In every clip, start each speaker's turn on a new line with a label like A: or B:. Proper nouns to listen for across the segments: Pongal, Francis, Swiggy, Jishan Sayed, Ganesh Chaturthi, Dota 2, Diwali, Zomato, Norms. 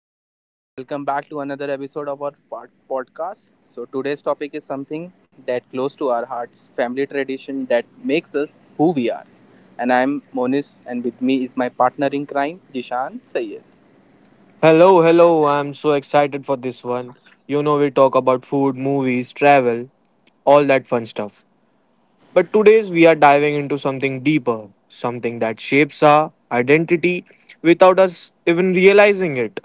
A: everyone, and welcome back to another episode of our podcast. So, today's topic is something that close to our hearts, family tradition that makes us who we are. And I'm Monis, and with me is my partner in crime, Jishan Sayed.
B: Hello, hello. I'm so excited for this one. You know, we talk about food, movies, travel, all that fun stuff. But today's we are diving into something deeper, something that shapes our identity without us even realizing it.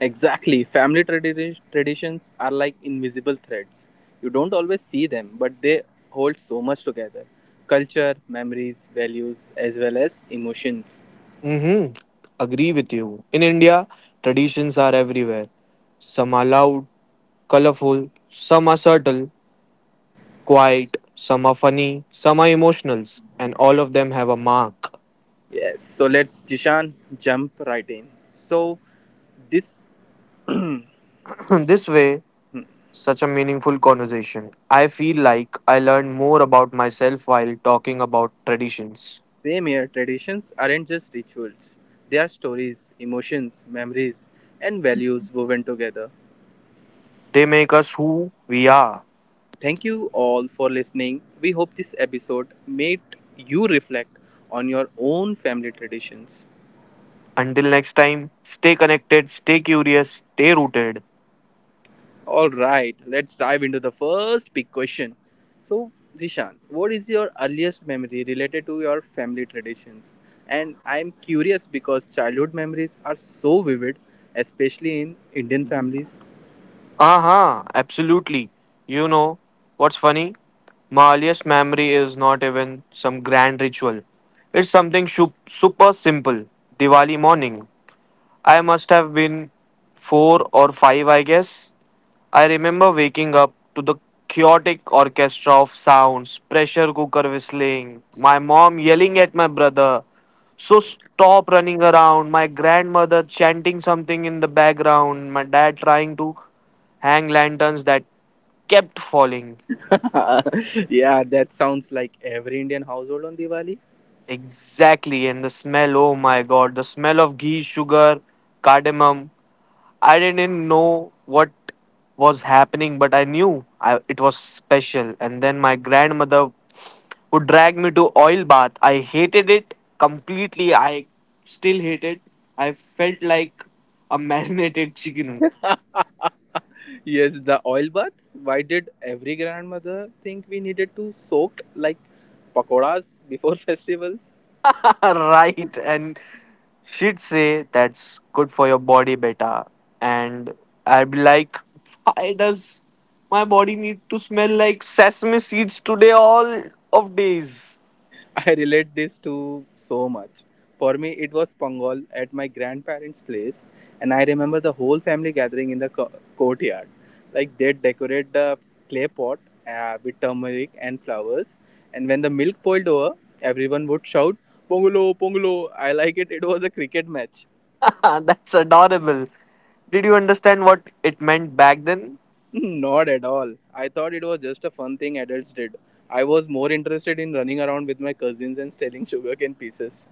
A: Exactly, family traditions are like invisible threads. You don't always see them, but they hold so much together culture, memories, values, as well as emotions.
B: Mm-hmm. Agree with you. In India, traditions are everywhere. Some are loud, colorful, some are subtle, quiet, some are funny, some are emotional, and all of them have a mark.
A: Yes, so let's, Jishan, jump right in. So, this Same
B: this way. Such a meaningful conversation. I feel like I learned more about myself while talking about traditions.
A: here, traditions aren't just rituals, they are stories, emotions, memories, and values woven together.
B: They make us who we are.
A: Thank you all for listening. We hope this episode made you reflect on your own family traditions.
B: Until next time, stay connected, stay curious, stay rooted.
A: All right, let's dive into the first big question. So, Zishan, what is your earliest memory related to your family traditions? And I'm curious because childhood memories are so vivid, especially in Indian families.
B: Uh huh, absolutely. You know, what's funny? My earliest memory is not even some grand ritual. It's something super simple. Diwali morning. I must have been 4 or 5, I guess. I remember waking up to the chaotic orchestra of sounds, pressure cooker whistling, my mom yelling at my brother, so stop running around, my grandmother chanting something in the background, my dad trying to hang lanterns that kept falling.
A: Yeah, that sounds like every Indian household on Diwali.
B: Exactly, and the smell, oh my god, the smell of ghee, sugar, cardamom. I didn't know what was happening, but I knew I, it was special. And then my grandmother would drag me to oil bath. I hated it completely. I still hate it. I felt like a marinated chicken.
A: Yes, the oil bath. Why did every grandmother think we needed to soak like pakoras before festivals?
B: Right, and she'd say that's good for your body, beta, and I'd be like, why does my body need to smell like sesame seeds today all of days?
A: I relate this to so much. For me, it was Pongal at my grandparents' place, and I remember the whole family gathering in the courtyard. Like they decorate the clay pot with turmeric and flowers, and when the milk boiled over, everyone would shout, "Pongalo, Pongalo!" I like it. It was a cricket match.
B: That's adorable. Did you understand what it meant back then?
A: Not at all. I thought it was just a fun thing adults did. I was more interested in running around with my cousins and stealing sugarcane pieces.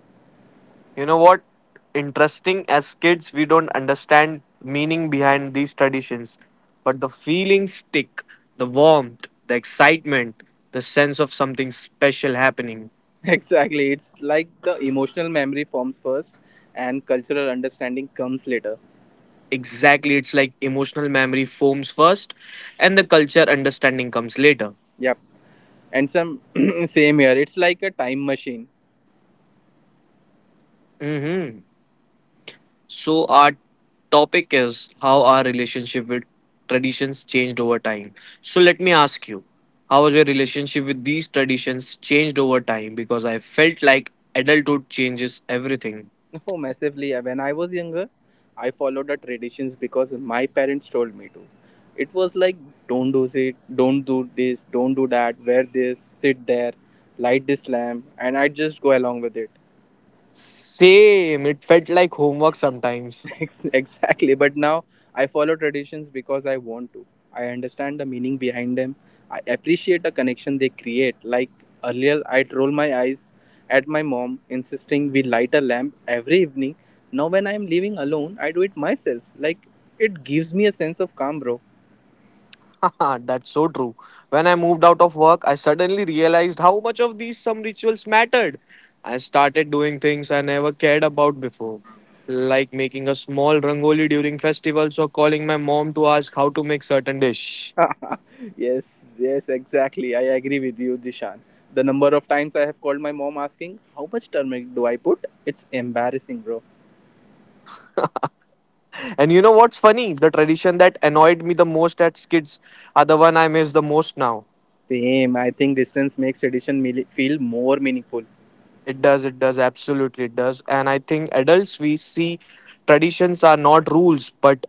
B: You know what? Interesting, as kids we don't understand meaning behind these traditions, but the feelings stick, the warmth, the excitement, the sense of something special happening.
A: Exactly. It's like the emotional memory forms first and cultural understanding comes later.
B: Exactly, it's like emotional memory forms first and the culture understanding comes later.
A: Yep. And some Same here. It's like a time machine.
B: Mhm. So, our topic is how our relationship with traditions changed over time. So, let me ask you, how was your relationship with these traditions changed over time? Because I felt like adulthood changes everything.
A: Oh, massively. When I was younger, I followed the traditions because my parents told me to. It was like don't do it, don't do this, don't do that, wear this, sit there, light this lamp, and I just go along with it.
B: Same, it felt like homework sometimes.
A: Exactly, but now I follow traditions because I want to. I understand the meaning behind them. I appreciate the connection they create. Like, earlier I'd roll my eyes at my mom insisting we light a lamp every evening. Now, when I'm living alone, I do it myself. Like, it gives me a sense of calm, bro.
B: That's so true. When I moved out of work, I suddenly realized how much of these some rituals mattered. I started doing things I never cared about before, like making a small rangoli during festivals or calling my mom to ask how to make certain dish.
A: Yes, yes, exactly. I agree with you, Dishan. The number of times I have called my mom asking how much turmeric do I put, it's embarrassing, bro.
B: And you know what's funny? The tradition that annoyed me the most as kids are the one I miss the most now.
A: Same. I think distance makes tradition feel more meaningful.
B: It does, absolutely it does. And I think adults we see traditions are not rules but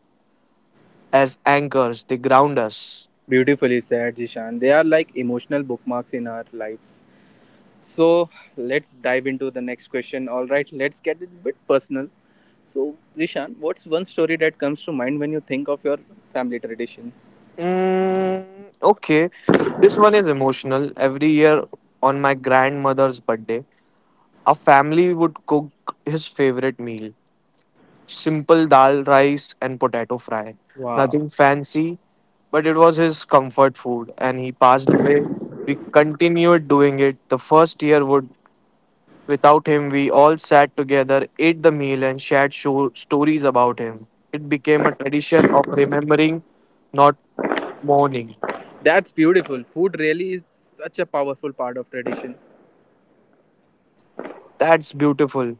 B: as anchors, they ground us.
A: Beautifully said, Jishan. They are like emotional bookmarks in our lives. So, let's dive into the next question. All right, let's get a bit personal. So, Jishan, what's one story that comes to mind when you think of your family tradition?
B: Mm, okay, this one is emotional. Every year on my grandmother's birthday, our family would cook his favorite meal, simple dal, rice, and potato fry.
A: Wow,
B: Nothing fancy, but it was his comfort food, and he passed away. We continued doing it. The first year would without him, we all sat together, ate the meal, and shared stories about him. It became a tradition of remembering, not mourning.
A: that's beautiful. Food really is such a powerful part of tradition.
B: That's beautiful.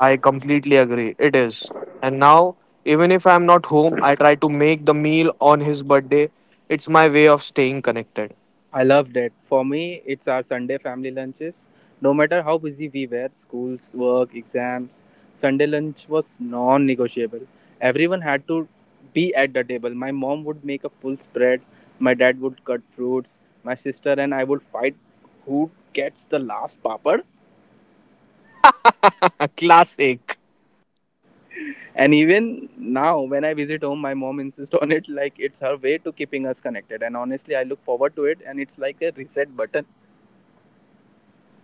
B: I completely agree. It is. And now, even if I'm not home, I try to make the meal on his birthday. It's my way of staying connected.
A: I loved it. For me, it's our Sunday family lunches. No matter how busy we were, schools, work, exams, Sunday lunch was non negotiable. Everyone had to be at the table. My mom would make a full spread, my dad would cut fruits, my sister and I would fight who gets the last papad.
B: Classic.
A: And even now, when I visit home, my mom insists on it like it's her way to keeping us connected. And honestly, I look forward to it and it's like a reset button.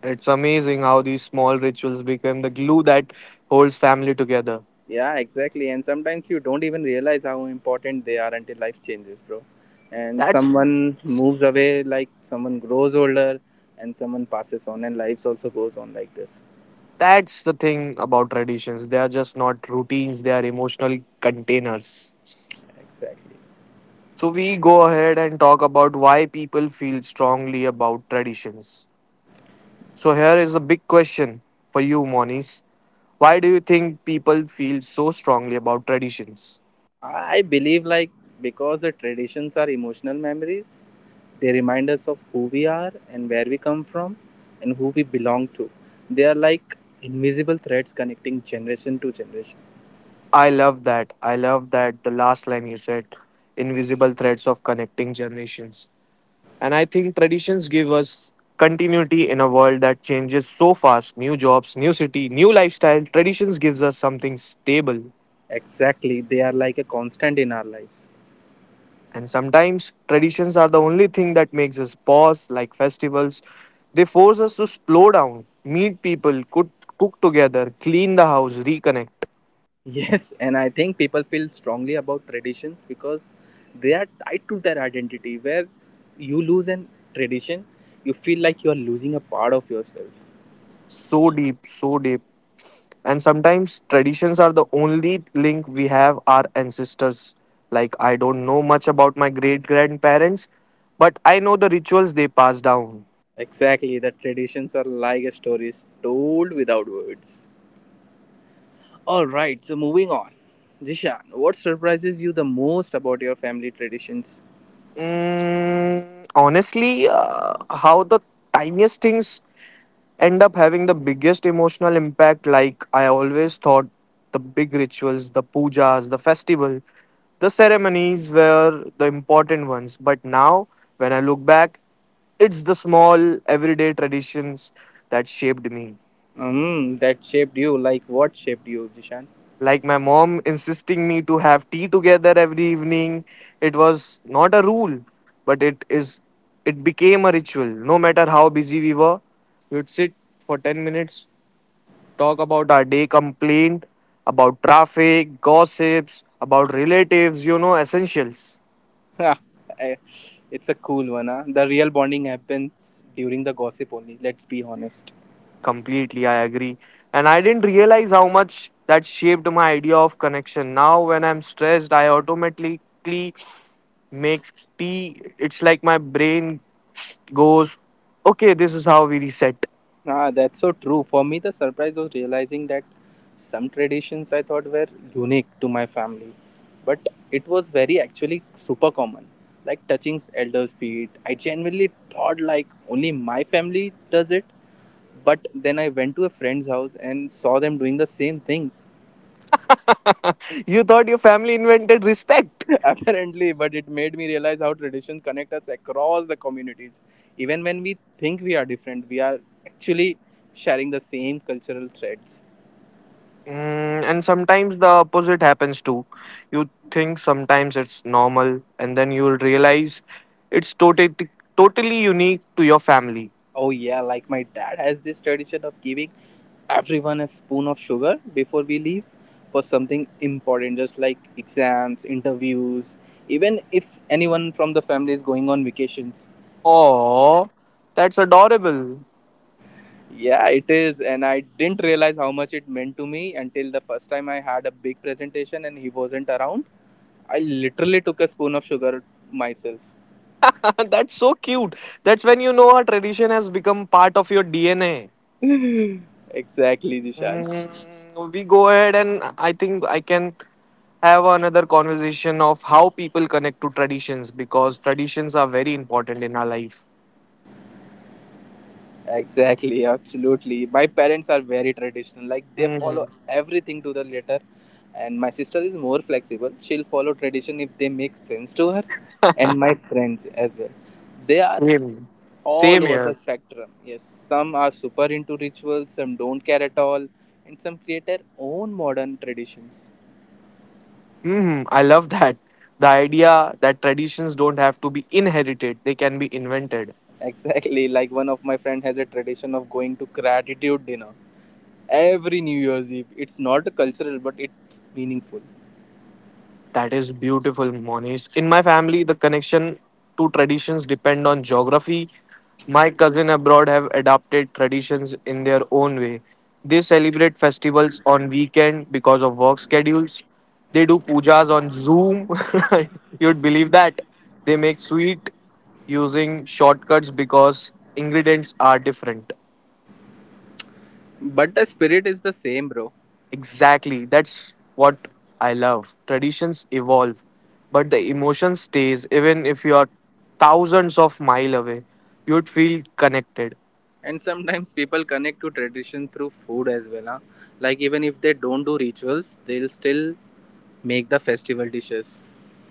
B: It's amazing how these small rituals become the glue that holds family together.
A: Yeah, exactly. And sometimes you don't even realize how important they are until life changes, bro. And
B: That's
A: someone moves away, like someone grows older, and someone passes on, and lives also goes on like this.
B: that's the thing about traditions. They are just not routines, they are emotional containers.
A: Exactly.
B: So we go ahead and talk about why people feel strongly about traditions. So here is a big question for you, Moniz. Why do you think people feel so strongly about traditions?
A: I believe, like, because the traditions are emotional memories, they remind us of who we are and where we come from and who we belong to. They are like invisible threads connecting generation to generation.
B: I love that. I love that the last line you said, invisible threads of connecting generations. And I think traditions give us continuity in a world that changes so fast. New jobs, new city, new lifestyle. Traditions gives us something stable.
A: Exactly. They are like a constant in our lives.
B: And sometimes traditions are the only thing that makes us pause, like festivals. They force us to slow down, meet people, cook together, clean the house, reconnect.
A: Yes, and I think people feel strongly about traditions because they are tied to their identity. Where you lose an tradition, you feel like you are losing a part of yourself.
B: So deep, so deep. And sometimes traditions are the only link we have our ancestors. Like, I don't know much about my great grandparents, but I know the rituals they passed down.
A: Exactly, the traditions are like stories told without words. All right, so moving on. Zishan, what surprises you the most about your family traditions?
B: Mm, honestly, how the tiniest things end up having the biggest emotional impact. Like, I always thought the big rituals, the pujas, the festival, the ceremonies were the important ones, but now when I look back, it's the small everyday traditions that shaped me.
A: Hmm, that shaped you. Like what shaped you, Zishan?
B: Like my mom insisting me to have tea together every evening. It was not a rule, but it is, it became a ritual. No matter how busy we were, we would sit for 10 minutes, talk about our day, complaint about traffic, gossips, about relatives, you know, essentials.
A: Ha, eh, it's a cool one, huh? The real bonding happens during the gossip only. Let's be honest.
B: Completely, I agree. And I didn't realize how much that shaped my idea of connection. Now, when I'm stressed, I automatically make tea. It's like my brain goes, okay, this is how we reset.
A: Ah, that's so true. For me, the surprise was realizing that some traditions I thought were unique to my family, but it was very actually super common. Like touching elders' feet, I genuinely thought like only my family does it. But then I went to a friend's house and saw them doing the same things.
B: You thought your family invented respect.
A: Apparently, but it made me realize how traditions connect us across the communities. Even when we think we are different, we are actually sharing the same cultural threads.
B: Mm, and sometimes the opposite happens too. You think sometimes it's normal, and then you'll realize it's totally unique to your family.
A: Oh yeah, like my dad has this tradition of giving everyone a spoon of sugar before we leave for something important just like exams, interviews, even if anyone from the family is going on vacations.
B: Oh, that's adorable.
A: Yeah, it is, and I didn't realize how much it meant to me until the first time I had a big presentation and he wasn't around. I literally took a spoon of sugar myself.
B: That's so cute. That's when you know a tradition has become part of your DNA.
A: Exactly, Jishan.
B: Mm, we go ahead, and I think I can have another conversation of how people connect to traditions because traditions are very important in our life.
A: Exactly, absolutely. My parents are very traditional. Like they follow
B: Mhm.
A: everything to the letter. And my sister is more flexible. She'll follow tradition if they make sense to her. And my friends as well. They are
B: Same,
A: all
B: same
A: over
B: here.
A: the spectrum. Yes, some are super into rituals, some don't care at all, and some create their own modern traditions.
B: Hmm, I love that. The idea that traditions don't have to be inherited, they can be invented.
A: Exactly, like one of my friend has a tradition of going to gratitude dinner every New Year's Eve. It's not cultural, but it's meaningful.
B: That is beautiful, Monish. In my family, the connection to traditions depend on geography. My cousin abroad have adapted traditions in their own way. They celebrate festivals on weekend because of work schedules. They do pujas on Zoom. You'd believe that. They make sweet using shortcuts because ingredients are different.
A: But the spirit is the same, bro.
B: Exactly. That's what I love. Traditions evolve, but the emotion stays even if you are thousands of mile away. You'd feel connected.
A: And sometimes people connect to tradition through food as well. Huh? Like, even if they don't do rituals, they'll still make the festival dishes.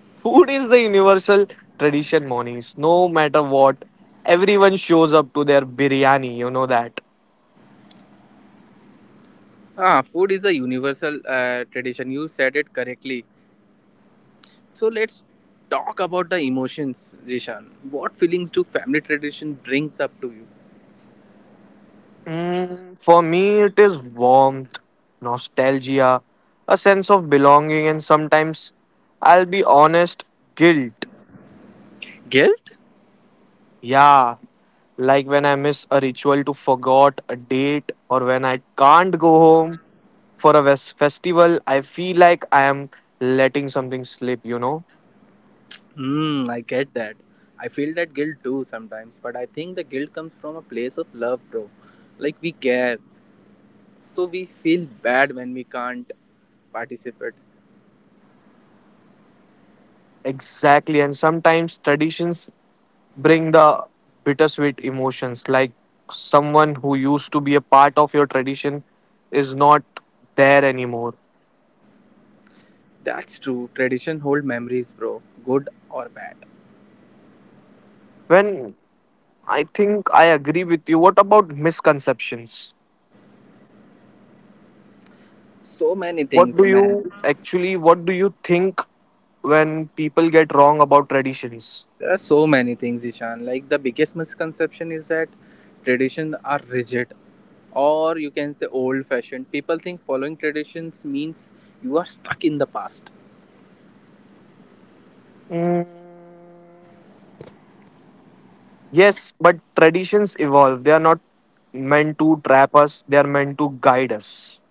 B: Food is the universal tradition, Monies. No matter what, everyone shows up to their biryani, you know that.
A: Ah, food is a universal tradition. You said it correctly. So, let's talk about the emotions, Jishan. What feelings do family tradition brings up to you?
B: Mm, for me, it is warmth, nostalgia, a sense of belonging, and sometimes, I'll be honest, guilt.
A: Guilt?
B: Yeah, like when I miss a ritual to forgot a date or when I can't go home for a festival, I feel like I am letting something slip, you know?
A: Hmm, I get that. I feel that guilt too sometimes, but I think the guilt comes from a place of love, bro. Like, we care. So, we feel bad when we can't participate.
B: Exactly. And sometimes traditions bring the bittersweet emotions, like someone who used to be a part of your tradition is not there anymore.
A: That's true. Tradition hold memories, bro. Good or bad.
B: When I think I agree with you, what about misconceptions?
A: So many things, man.
B: What do you think when people get wrong about traditions?
A: There are so many things, Ishan. Like the biggest misconception is that traditions are rigid or you can say old fashioned. People think following traditions means you are stuck in the past.
B: Mm, yes, but traditions evolve. They are not meant to trap us, they are meant to guide us.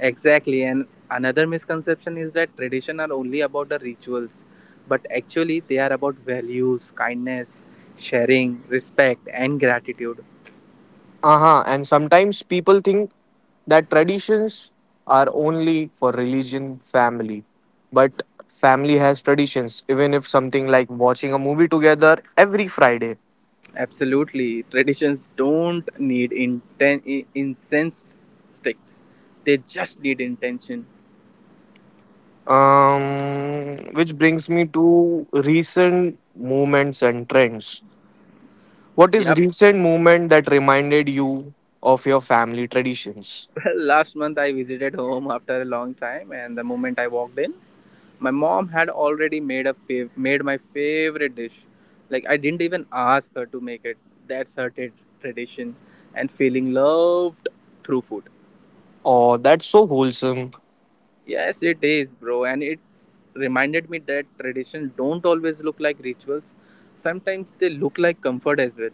A: Exactly. And another misconception is that tradition are only about the rituals, but actually they are about values, kindness, sharing, respect and gratitude.
B: Uh-huh. And sometimes people think that traditions are only for religion, family. But family has traditions. Even if something like watching a movie together every Friday.
A: Absolutely. Traditions don't need incense sticks, they just need intention.
B: Which brings me to recent movements and trends. What is
A: Yep.
B: recent movement that reminded you of your family traditions?
A: Last month I visited home after a long time, and the moment I walked in, my mom had already made my favorite dish. Like I didn't even ask her to make it. That's her tradition and feeling loved through food.
B: Oh, that's so wholesome.
A: Yes, it is, bro, and it's reminded me that tradition don't always look like rituals. Sometimes they look like comfort as well.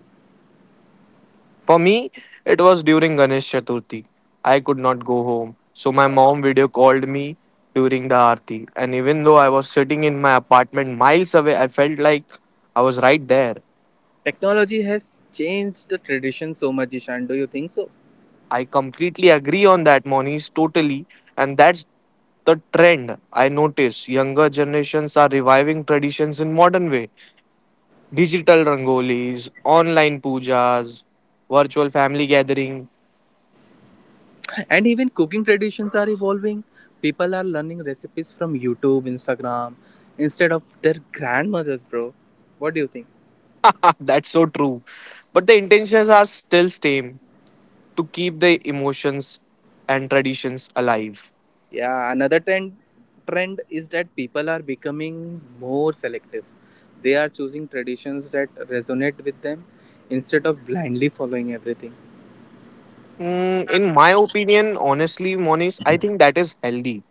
B: For me, it was during Ganesh Chaturthi. I could not go home, so my mom video called me during the aarti, and even though I was sitting in my apartment miles away, I felt like I was right there.
A: Technology has changed the tradition so much, Ishan. Do you think so?
B: I completely agree on that, Monish, totally. And that's the trend I notice. Younger generations are reviving traditions in modern way. Digital rangolis, online pujas, virtual family gathering.
A: And even cooking traditions are evolving. People are learning recipes from YouTube, Instagram, instead of their grandmothers, bro. What do you think?
B: That's so true. But the intentions are still same, to keep the emotions and traditions alive.
A: Yeah, another trend is that people are becoming more selective. They are choosing traditions that resonate with them instead of blindly following everything.
B: Mm, in my opinion, honestly, Monis, I think that is healthy.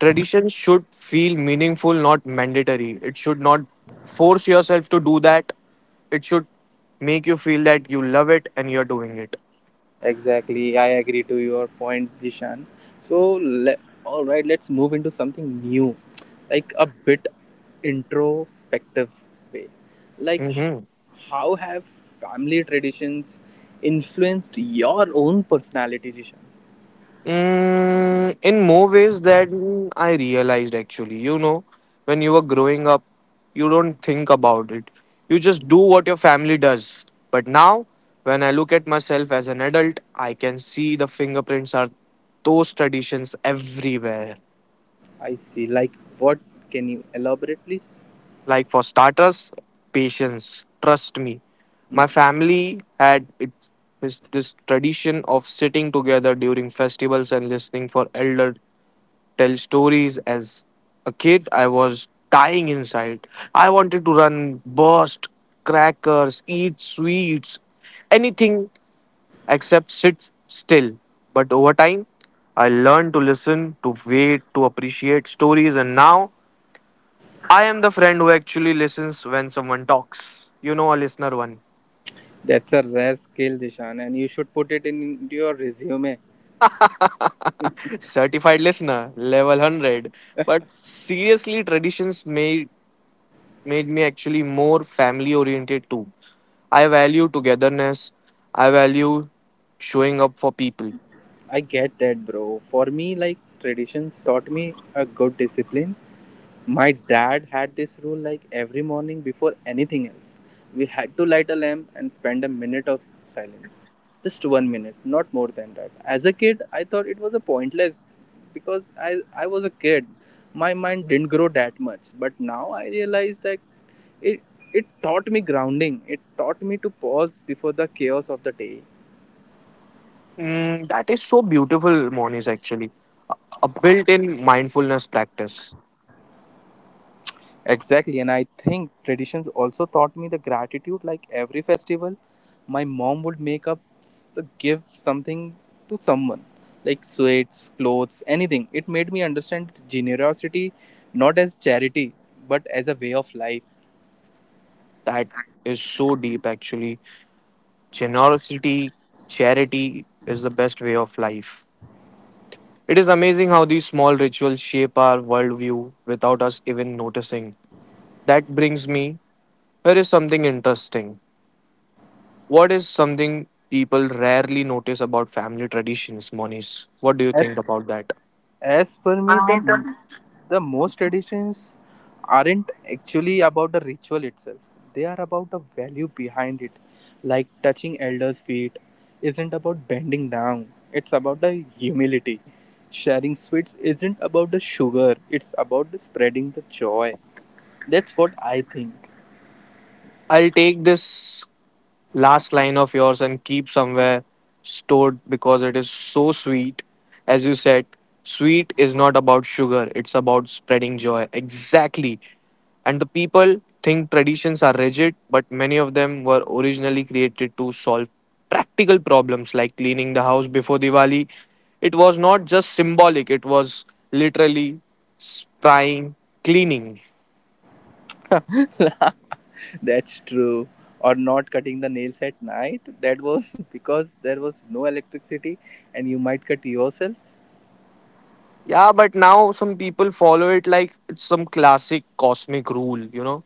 B: Tradition should feel meaningful, not mandatory. It should not force yourself to do that. It should make you feel that you love it and you're doing it.
A: Exactly, I agree to your point, Dishan. So, all right, let's move into something new, like a bit introspective way. Like,
B: Mm-hmm.
A: how have family traditions influenced your own personality, Dishan?
B: Mm, in more ways than I realized, actually. You know, when you were growing up, you don't think about it. You just do what your family does. But now, when I look at myself as an adult, I can see the fingerprints are those traditions everywhere.
A: I see. Like, what, can you elaborate, please?
B: Like, for starters, patience. Trust me. My family had it, this tradition of sitting together during festivals and listening for elder tell stories. As a kid, I was dying inside. I wanted to run, burst crackers, eat sweets, anything except sit still. But over time, I learned to listen, to wait, to appreciate stories, and now I am the friend who actually listens when someone talks. You know, a listener one.
A: That's a rare skill, Dishan, and you should put it in your resume.
B: Certified listener, level 100. But seriously, traditions made me actually more family oriented too. I value togetherness. I value showing up for people.
A: I get that, bro. For me, like traditions taught me a good discipline. My dad had this rule like every morning before anything else. We had to light a lamp and spend a minute of silence. Just 1 minute, not more than that. As a kid, I thought it was a pointless because I was a kid. My mind didn't grow that much. But now I realize that It it taught me grounding. It taught me to pause before the chaos of the day.
B: Mm, that is so beautiful, Monis, actually. A a built in mindfulness practice.
A: Exactly, and I think traditions also taught me the gratitude. Like every festival, my mom would give something to someone, like sweets, clothes, anything. It made me understand generosity not as charity, but as a way of life.
B: That is so deep, actually. Generosity, charity is the best way of life. It is amazing how these small rituals shape our worldview without us even noticing. That brings me, here is something interesting. What is something people rarely notice about family traditions, Moniz? What do you think
A: As
B: about that?
A: as per me, the most traditions aren't actually about the ritual itself, they are about the value behind it. Like touching elders feet isn't about bending down, it's about the humility. Sharing sweets isn't about the sugar, it's about the spreading the joy. That's what I think.
B: I'll take this last line of yours and keep somewhere stored because it is so sweet. As you said, sweet is not about sugar, it's about spreading joy. Exactly. And the people think traditions are rigid, but many of them were originally created to solve practical problems like cleaning the house before Diwali. It was not just symbolic, it was literally sprying cleaning.
A: That's true. Or not cutting the nails at night, that was because there was no electricity and you might cut yourself.
B: Yeah, but now some people follow it like it's some classic cosmic rule, you know?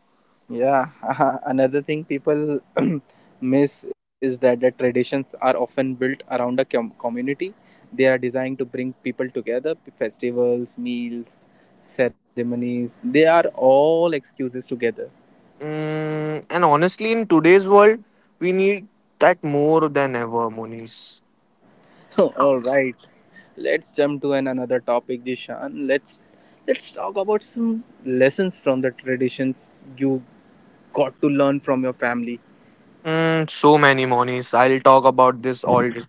A: Yeah, another thing people miss is that the traditions are often built around a community. They are designed to bring people together, festivals, meals, ceremonies. They are all excuses together.
B: Mm, and honestly, in today's world, we need that more than ever, Monis.
A: All right, let's jump to an another topic, Jishan. Let's talk about some lessons from the traditions you got to learn from your family.
B: Mm, so many Monis. I'll talk about this all day.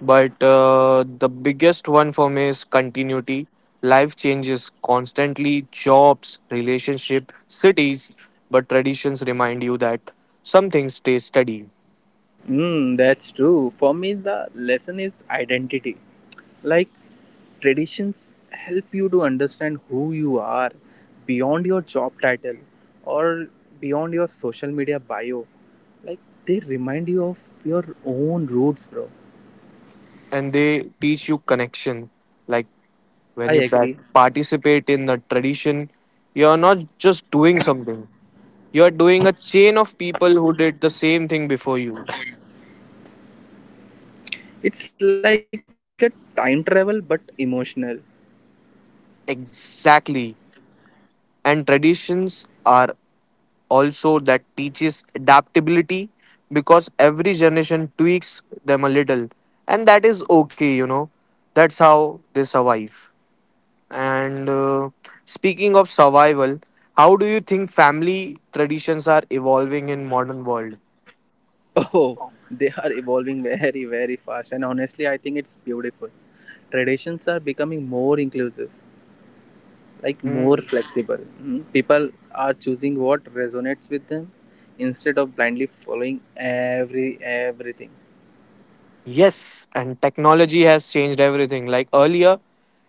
B: But the biggest one for me is continuity. Life changes constantly, jobs, relationship, cities, but traditions remind you that some things stay steady.
A: Mm, that's true. For me, the lesson is identity. Like, traditions help you to understand who you are beyond your job title or beyond your social media bio. Like, they remind you of your own roots, bro.
B: And they teach you connection, like when
A: I
B: you
A: agree.
B: participate in the tradition, you're not just doing something, you're doing a chain of people who did the same thing before you.
A: It's like a time travel but emotional.
B: Exactly. And traditions are also that teaches adaptability because every generation tweaks them a little. And that is okay, you know. That's how they survive. And speaking of survival, how do you think family traditions are evolving in modern world?
A: Oh, they are evolving very, very fast. And honestly, I think it's beautiful. Traditions are becoming more inclusive, like more
B: Hmm.
A: flexible. Mhm. People are choosing what resonates with them instead of blindly following every everything.
B: Yes, and technology has changed everything. Like earlier,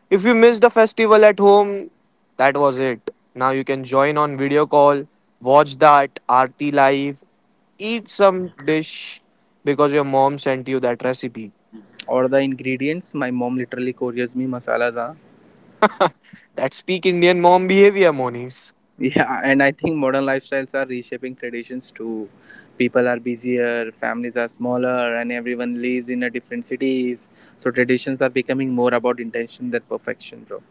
B: if you missed a festival at home, that was it. Now you can join on video call, watch that Aarti live, eat some dish because your mom sent you that recipe.
A: Or the ingredients. My mom literally couriers me masalas. Huh?
B: That's peak Indian mom behavior, Monis.
A: Yeah, and I think modern lifestyles are reshaping traditions too. People are busier, families are smaller, and everyone lives in a different cities. So traditions are becoming more about intention than perfection, bro.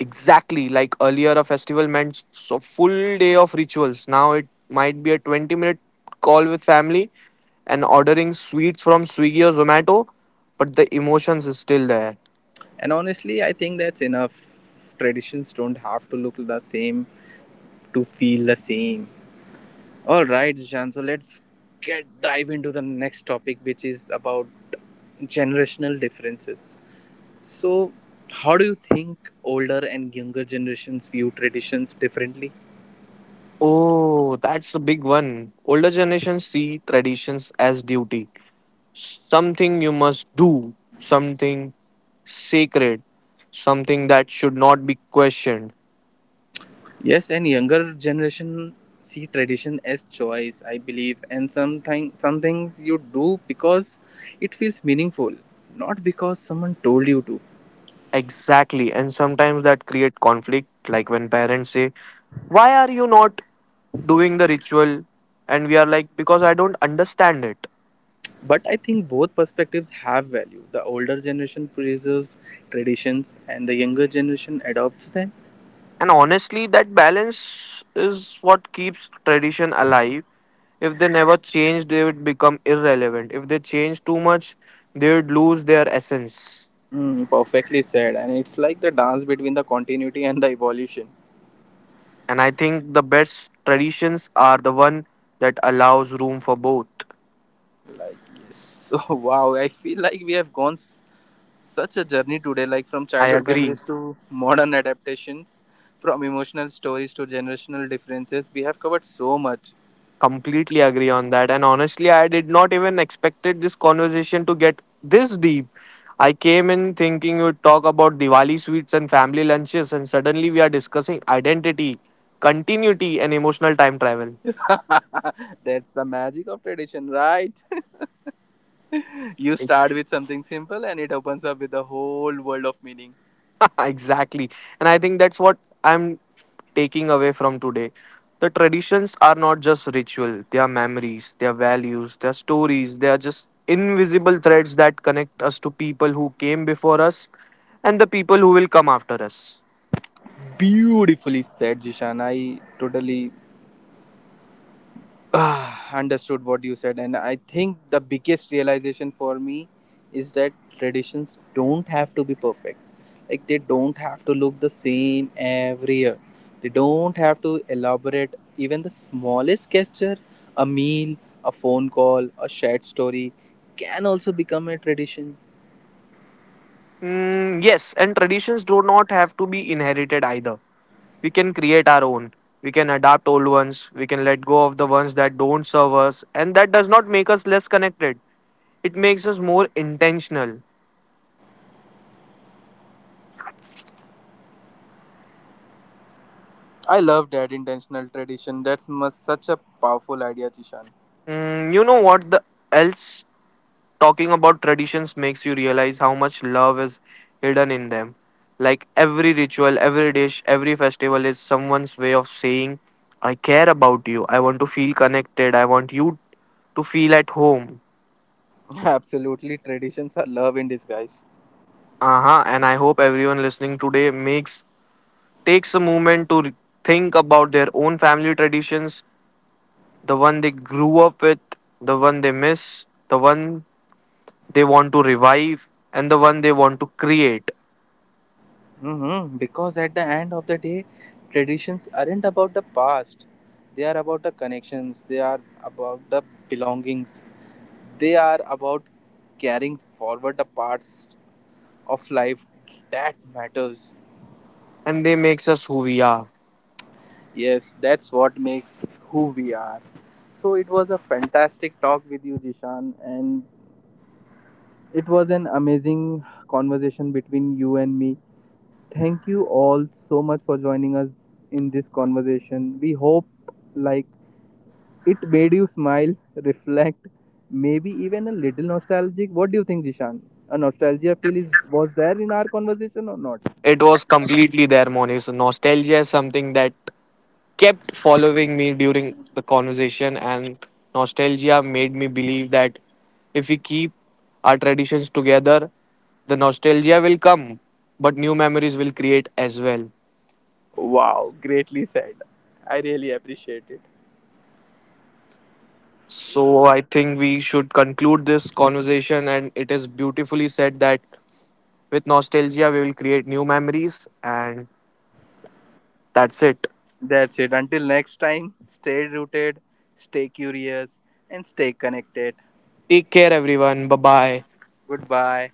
B: Exactly, like earlier, a festival meant a full day of rituals. Now it might be a 20-minute call with family and ordering sweets from Swiggy or Zomato, but the emotions is still there.
A: And honestly, I think that's enough. Traditions don't have to look the same to feel the same. All right, Zishan. So let's get dive into the next topic, which is about generational differences. So, how do you think older and younger generations view traditions differently?
B: Oh, that's the big one. Older generations see traditions as duty, something you must do, something sacred, something that should not be questioned.
A: Yes, and younger generation see tradition as choice, I believe, and some things you do because it feels meaningful, not because someone told you to.
B: Exactly. And sometimes that create conflict, like when parents say, "Why are you not doing the ritual?" And we are like, "Because I don't understand it."
A: But I think both perspectives have value. The older generation preserves traditions, and the younger generation adopts them.
B: And honestly, that balance is what keeps tradition alive. If they never change, they would become irrelevant. If they change too much, they would lose their essence.
A: Mm, perfectly said, and it's like the dance between the continuity and the evolution.
B: And I think the best traditions are the one that allows room for both.
A: Like yes, so wow, I feel like we have gone such a journey today, like from
B: I
A: childhood
B: agree.
A: memories to modern adaptations, from emotional stories to generational differences. We have covered so much.
B: Completely agree on that, and honestly I did not even expected this conversation to get this deep. I came in thinking we'd talk about Diwali sweets and family lunches and suddenly we are discussing identity, continuity and emotional time travel.
A: That's the magic of tradition, right? You start with something simple, and it opens up with a whole world of meaning.
B: exactly. And I think that's what I'm taking away from today. The traditions are not just ritual, they are memories, they are values, they are stories, they are just invisible threads that connect us to people who came before us and the people who will come after us.
A: Beautifully said, Jishan. I totally ah, understood what you said, and I think the biggest realization for me is that traditions don't have to be perfect. Like they don't have to look the same every year. They don't have to elaborate even the smallest gesture, a meal, a phone call, a shared story can also become a tradition.
B: Mm, yes, and traditions do not have to be inherited either. We can create our own. We can adapt old ones. We can let go of the ones that don't serve us. And that does not make us less connected. It makes us more intentional.
A: I love that intentional tradition. That's such a powerful idea, Jishan.
B: Mm, you know what the else, talking about traditions makes you realize how much love is hidden in them. Like every ritual, every dish, every festival is someone's way of saying, "I care about you. I want to feel connected. I want you to feel at home."
A: Absolutely, traditions are love in disguise.
B: Uh-huh. And I hope everyone listening today makes takes a moment to think about their own family traditions, the one they grew up with, the one they miss, the one they want to revive and the one they want to create.
A: Hmm. Because at the end of the day, traditions aren't about the past. They are about the connections. They are about the belongings. They are about carrying forward the parts of life that matters.
B: And they makes us who we are.
A: Yes, that's what makes who we are. So it was a fantastic talk with you, Jishan, and it was an amazing conversation between you and me. Thank you all so much for joining us in this conversation. We hope, like, it made you smile, reflect, maybe even a little nostalgic. What do you think, Jishan? A nostalgia feel is was there in our conversation or not?
B: It was completely there, Monis. Nostalgia is something that kept following me during the conversation, and nostalgia made me believe that if we keep our traditions together the nostalgia will come, but new memories will create as well.
A: Wow, greatly said. I really appreciate it.
B: So I think we should conclude this conversation, and it is beautifully said that with nostalgia we will create new memories, and that's it.
A: That's it. Until next time, stay rooted, stay curious, and stay connected.
B: Take care, everyone. Bye bye.
A: Goodbye.